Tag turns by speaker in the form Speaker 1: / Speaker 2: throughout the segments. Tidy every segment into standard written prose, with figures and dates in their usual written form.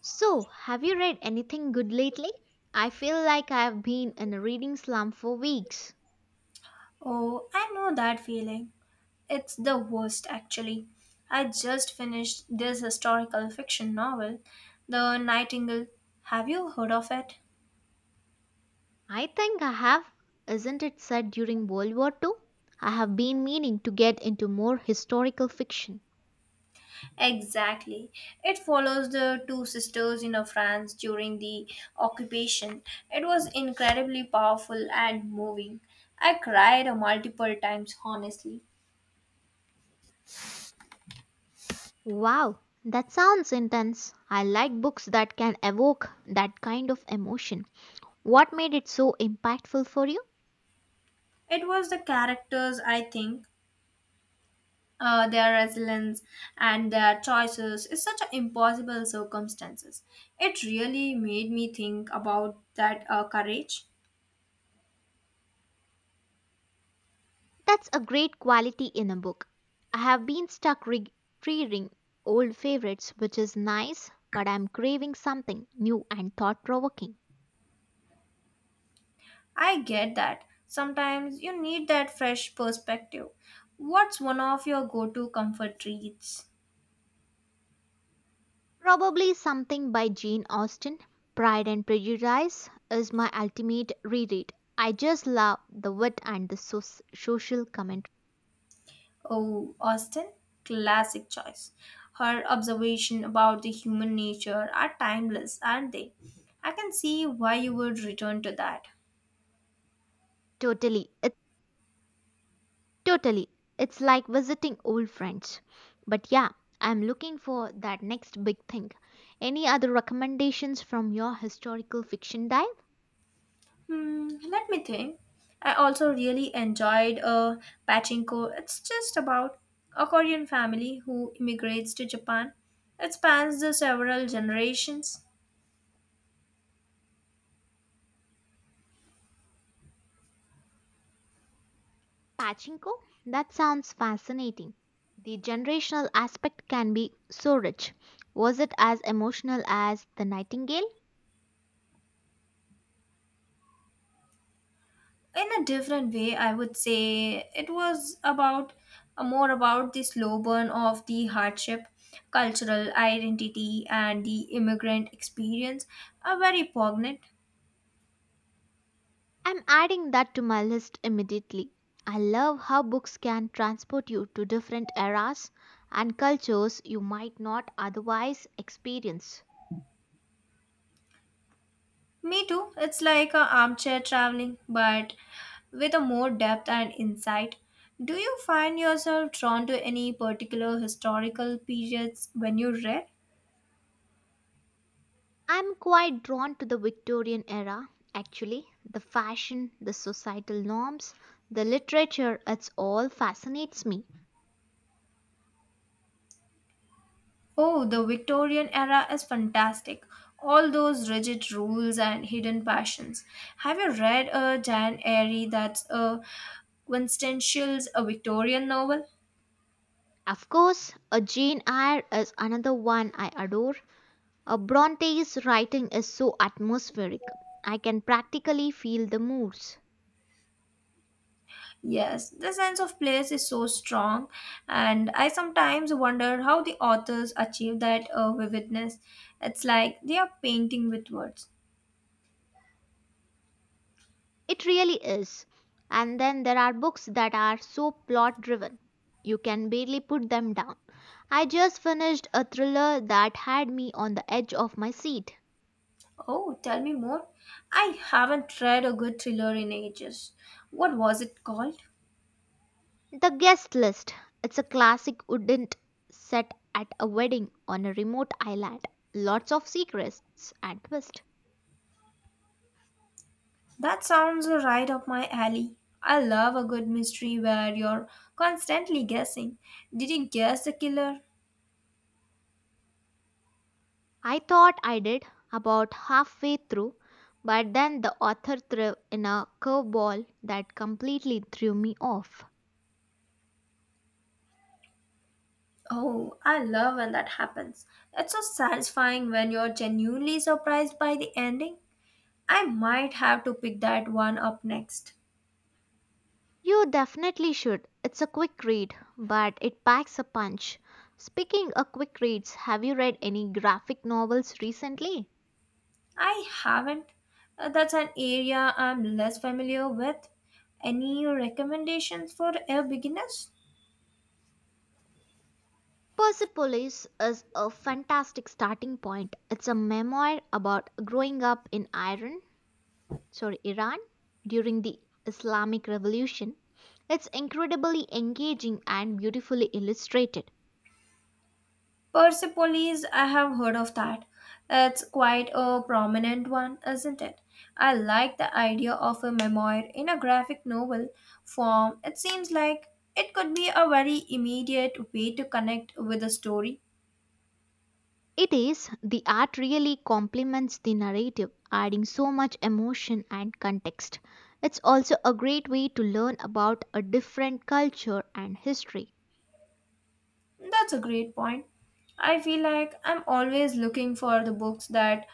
Speaker 1: So, have you read anything good lately? I feel like I've been in a reading slump for weeks.
Speaker 2: Oh, I know that feeling. It's the worst, actually. I just finished this historical fiction novel, The Nightingale. Have you heard of it?
Speaker 1: I think I have. Isn't it said during World War II? I have been meaning to get into more historical fiction.
Speaker 2: Exactly. It follows the two sisters in France during the occupation. It was incredibly powerful and moving. I cried multiple times, honestly.
Speaker 1: Wow, that sounds intense. I like books that can evoke that kind of emotion. What made it so impactful for you?
Speaker 2: It was the characters, I think, their resilience and their choices is such a impossible circumstances. It really made me think about that courage.
Speaker 1: That's a great quality in a book. I have been stuck reading old favorites, which is nice, but I'm craving something new and thought provoking.
Speaker 2: I get that. Sometimes you need that fresh perspective. What's one of your go-to comfort reads?
Speaker 1: Probably something by Jane Austen. Pride and Prejudice is my ultimate reread. I just love the wit and the social commentary.
Speaker 2: Oh, Austin, classic choice. Her observation about the human nature are timeless, aren't they? I can see why you would return to that.
Speaker 1: Totally. It's Totally. It's like visiting old friends. But yeah, I'm looking for that next big thing. Any other recommendations from your historical fiction dive?
Speaker 2: Hmm, let me think. I also really enjoyed Pachinko. It's just about a Korean family who immigrates to Japan. It spans the several generations.
Speaker 1: Pachinko? That sounds fascinating. The generational aspect can be so rich. Was it as emotional as The Nightingale?
Speaker 2: In a different way, I would say it was about more about the slow burn of the hardship, cultural identity, and the immigrant experience. Are very poignant.
Speaker 1: I'm adding that to my list immediately. I love how books can transport you to different eras and cultures you might not otherwise experience.
Speaker 2: Me too. It's like a armchair traveling, but with a more depth and insight. Do you find yourself drawn to any particular historical periods when you read?
Speaker 1: I'm quite drawn to the Victorian era, actually. The fashion, the societal norms, the literature, it's all fascinates me.
Speaker 2: Oh, the Victorian era is fantastic. All those rigid rules and hidden passions. Have you read a Jan Airy that's a quintessential a Victorian novel?
Speaker 1: Of course, a Jane Eyre is another one I adore. A Bronte's writing is so atmospheric. I can practically feel the moods.
Speaker 2: Yes, the sense of place is so strong, and I sometimes wonder how the authors achieve that vividness. It's like they are painting with words.
Speaker 1: It really is. And then there are books that are so plot driven. You can barely put them down. I just finished a thriller that had me on the edge of my seat.
Speaker 2: Oh, tell me more. I haven't read a good thriller in ages. What was it called?
Speaker 1: The Guest List. It's a classic wouldn't set at a wedding on a remote island. Lots of secrets and twists.
Speaker 2: That sounds right up my alley. I love a good mystery where you're constantly guessing. Did you guess the killer?
Speaker 1: I thought I did about halfway through, but then the author threw in a curveball that completely threw me off.
Speaker 2: Oh, I love when that happens. It's so satisfying when you're genuinely surprised by the ending. I might have to pick that one up next.
Speaker 1: You definitely should. It's a quick read, but it packs a punch. Speaking of quick reads, have you read any graphic novels recently?
Speaker 2: I haven't. That's an area I'm less familiar with. Any recommendations for a beginners?
Speaker 1: Persepolis is a fantastic starting point. It's a memoir about growing up in Iran, sorry, Iran during the Islamic Revolution. It's incredibly engaging and beautifully illustrated.
Speaker 2: Persepolis, I have heard of that. It's quite a prominent one, isn't it? I like the idea of a memoir in a graphic novel form. It seems like it could be a very immediate way to connect with a story.
Speaker 1: It is, the art really complements the narrative, adding so much emotion and context. It's also a great way to learn about a different culture and history.
Speaker 2: That's a great point. I feel like I'm always looking for the books that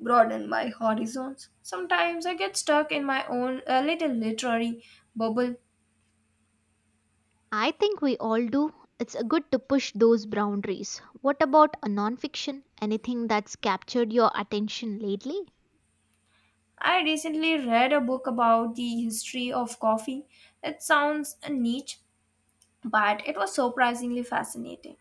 Speaker 2: broaden my horizons. Sometimes I get stuck in my own little literary bubble.
Speaker 1: I think we all do. It's a good to push those boundaries. What about a nonfiction? Anything that's captured your attention lately?
Speaker 2: I recently read a book about the history of coffee. It sounds niche, but it was surprisingly fascinating.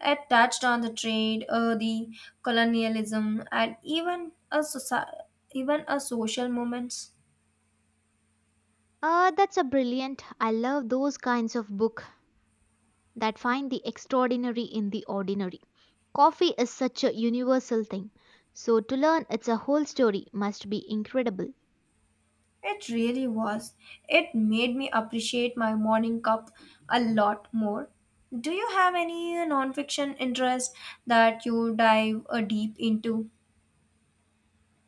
Speaker 2: It touched on the trade, the colonialism, and even a even a social moments.
Speaker 1: That's a brilliant. I love those kinds of book that find the extraordinary in the ordinary. Coffee is such a universal thing, so to learn its a whole story must be incredible.
Speaker 2: It really was. It made me appreciate my morning cup a lot more. Do you have any nonfiction interest that you dive deep into?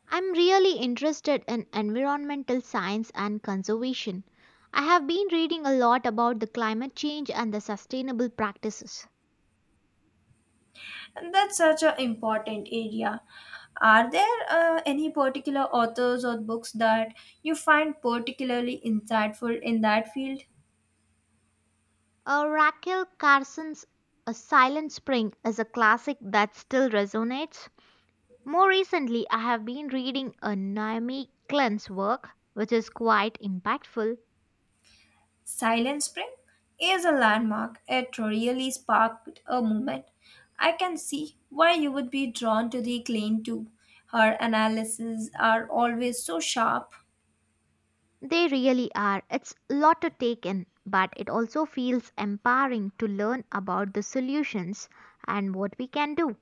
Speaker 1: I'm really interested in environmental science and conservation. I have been reading a lot about the climate change and the sustainable practices.
Speaker 2: And that's such an important area. Are there any particular authors or books that you find particularly insightful in that field?
Speaker 1: Raquel Carson's A Silent Spring is a classic that still resonates. More recently, I have been reading a Naomi Klein's work, which is quite impactful.
Speaker 2: Silent Spring is a landmark. It really sparked a movement. I can see why you would be drawn to the claim too. Her analyses are always so sharp.
Speaker 1: They really are. It's a lot to take in, but it also feels empowering to learn about the solutions and what we can do.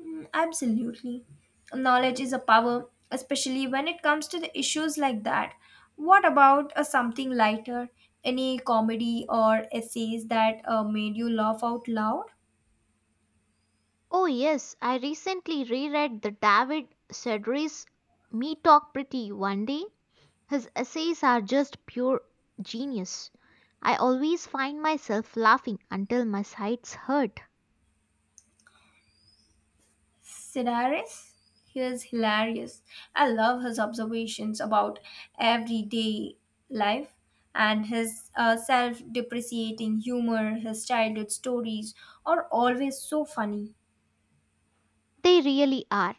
Speaker 2: Mm, absolutely. Knowledge is a power, especially when it comes to the issues like that. What about something lighter? Any comedy or essays that made you laugh out loud?
Speaker 1: Oh, yes, I recently reread the David Sedaris. Me Talk Pretty one day. His essays are just pure genius. I always find myself laughing until my sides hurt.
Speaker 2: Sidaris, he is hilarious. I love his observations about everyday life and his self depreciating humor, his childhood stories are always so funny.
Speaker 1: They really are.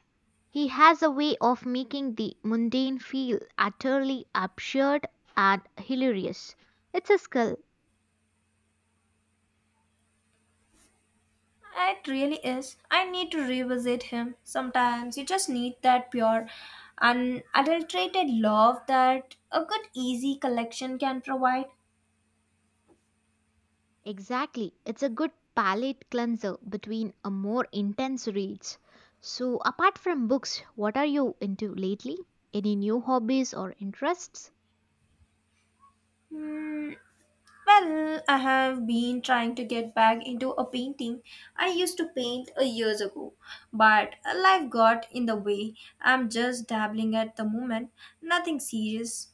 Speaker 1: He has a way of making the mundane feel utterly absurd and hilarious. It's a skill.
Speaker 2: It really is. I need to revisit him. Sometimes you just need that pure, unadulterated love that a good, easy collection can provide.
Speaker 1: Exactly. It's a good palate cleanser between a more intense reads. So, apart from books, what are you into lately? Any new hobbies or interests?
Speaker 2: Hmm, well, I have been trying to get back into a painting. I used to paint a years ago, but life got in the way. I'm just dabbling at the moment, nothing serious.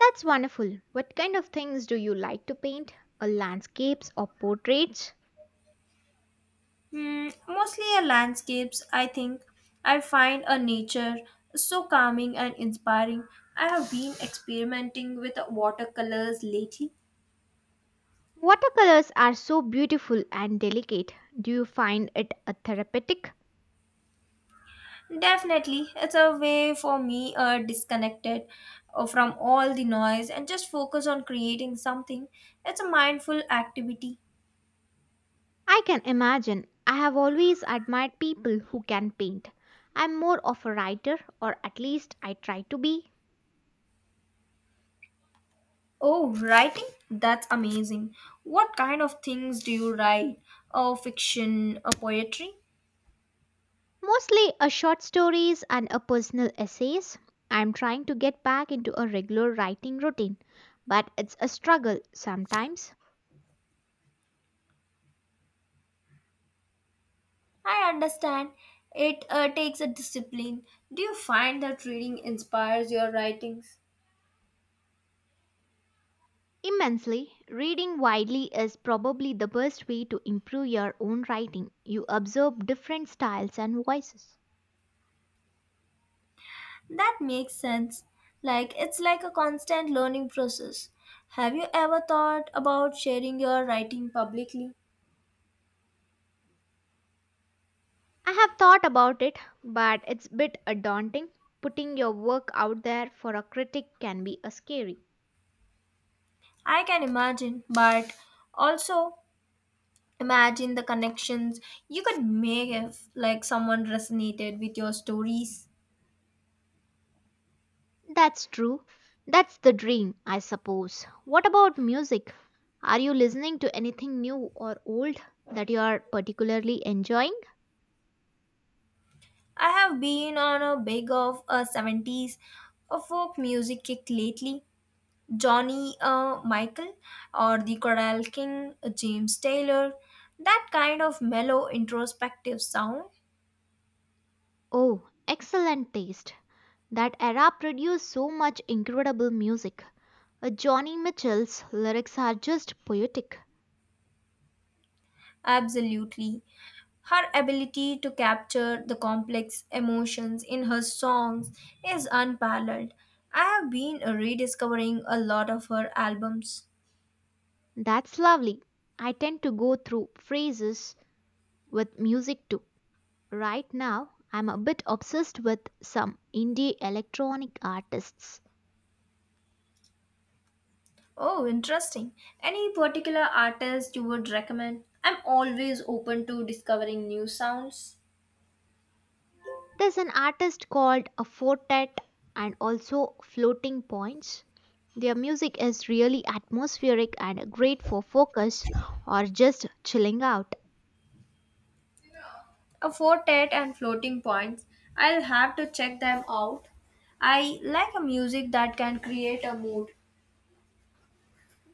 Speaker 1: That's wonderful. What kind of things do you like to paint? Or landscapes or portraits?
Speaker 2: Hmm, mostly a landscapes, I think. I find a nature so calming and inspiring. I have been experimenting with watercolors lately.
Speaker 1: Watercolors are so beautiful and delicate. Do you find it a therapeutic?
Speaker 2: Definitely, it's a way for me disconnected from all the noise and just focus on creating something. It's a mindful activity.
Speaker 1: I can imagine. I have always admired people who can paint. I'm more of a writer, or at least I try to be.
Speaker 2: Oh, writing? That's amazing. What kind of things do you write? Oh, fiction, or poetry?
Speaker 1: Mostly a short stories and a personal essays. I'm trying to get back into a regular writing routine, but it's a struggle sometimes.
Speaker 2: I understand. It takes a discipline. Do you find that reading inspires your writings?
Speaker 1: Immensely, reading widely is probably the best way to improve your own writing. You observe different styles and voices.
Speaker 2: That makes sense. Like it's like a constant learning process. Have you ever thought about sharing your writing publicly?
Speaker 1: I have thought about it, but it's a bit daunting. Putting your work out there for a critic can be scary.
Speaker 2: I can imagine, but also imagine the connections you could make if like someone resonated with your stories.
Speaker 1: That's true. That's the dream, I suppose. What about music? Are you listening to anything new or old that you are particularly enjoying?
Speaker 2: I have been on a big of a 70s a folk music kick lately, Johnny Michael or the Coral King, James Taylor, that kind of mellow introspective sound.
Speaker 1: Oh, excellent taste. That era produced so much incredible music. Johnny Mitchell's lyrics are just poetic.
Speaker 2: Absolutely. Her ability to capture the complex emotions in her songs is unparalleled. I have been rediscovering a lot of her albums.
Speaker 1: That's lovely. I tend to go through phases with music too. Right now, I'm a bit obsessed with some indie electronic artists.
Speaker 2: Oh, interesting. Any particular artist you would recommend? I'm always open to discovering new sounds.
Speaker 1: There's an artist called a Fortet and also Floating Points. Their music is really atmospheric and great for focus or just chilling out.
Speaker 2: A quartet and floating points. I'll have to check them out. I like a music that can create a mood.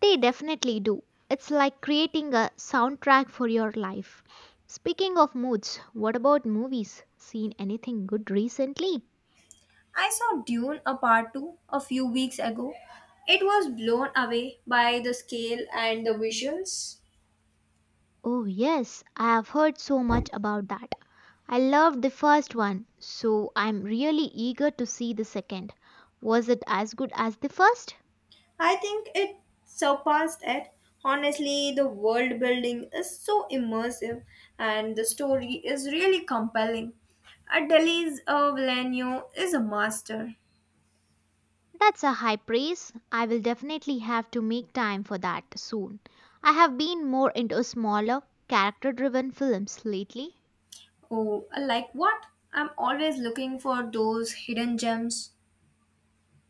Speaker 1: They definitely do. It's like creating a soundtrack for your life. Speaking of moods, what about movies? Seen anything good recently?
Speaker 2: I saw Dune a part 2 a few weeks ago. It was blown away by the scale and the visuals.
Speaker 1: Oh, yes, I have heard so much about that. I loved the first one, so I'm really eager to see the second. Was it as good as the first?
Speaker 2: I think it surpassed it. Honestly, the world building is so immersive and the story is really compelling. A Delhi's Villeneuve is a master.
Speaker 1: That's a high praise. I will definitely have to make time for that soon. I have been more into smaller, character driven films lately.
Speaker 2: Oh, like what? I'm always looking for those hidden gems.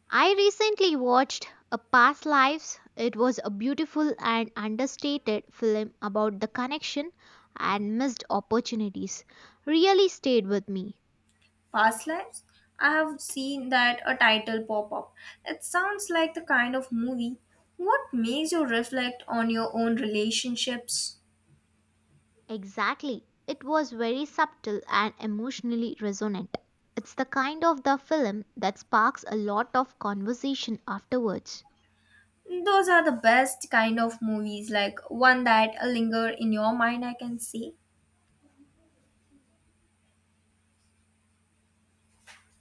Speaker 1: I recently watched A Past Lives. It was a beautiful and understated film about the connection and missed opportunities. Really stayed with me.
Speaker 2: Past lives? I have seen that a title pop up. It sounds like the kind of movie. What makes you reflect on your own relationships?
Speaker 1: Exactly. It was very subtle and emotionally resonant. It's the kind of the film that sparks a lot of conversation afterwards.
Speaker 2: Those are the best kind of movies, like one that linger in your mind, I can see.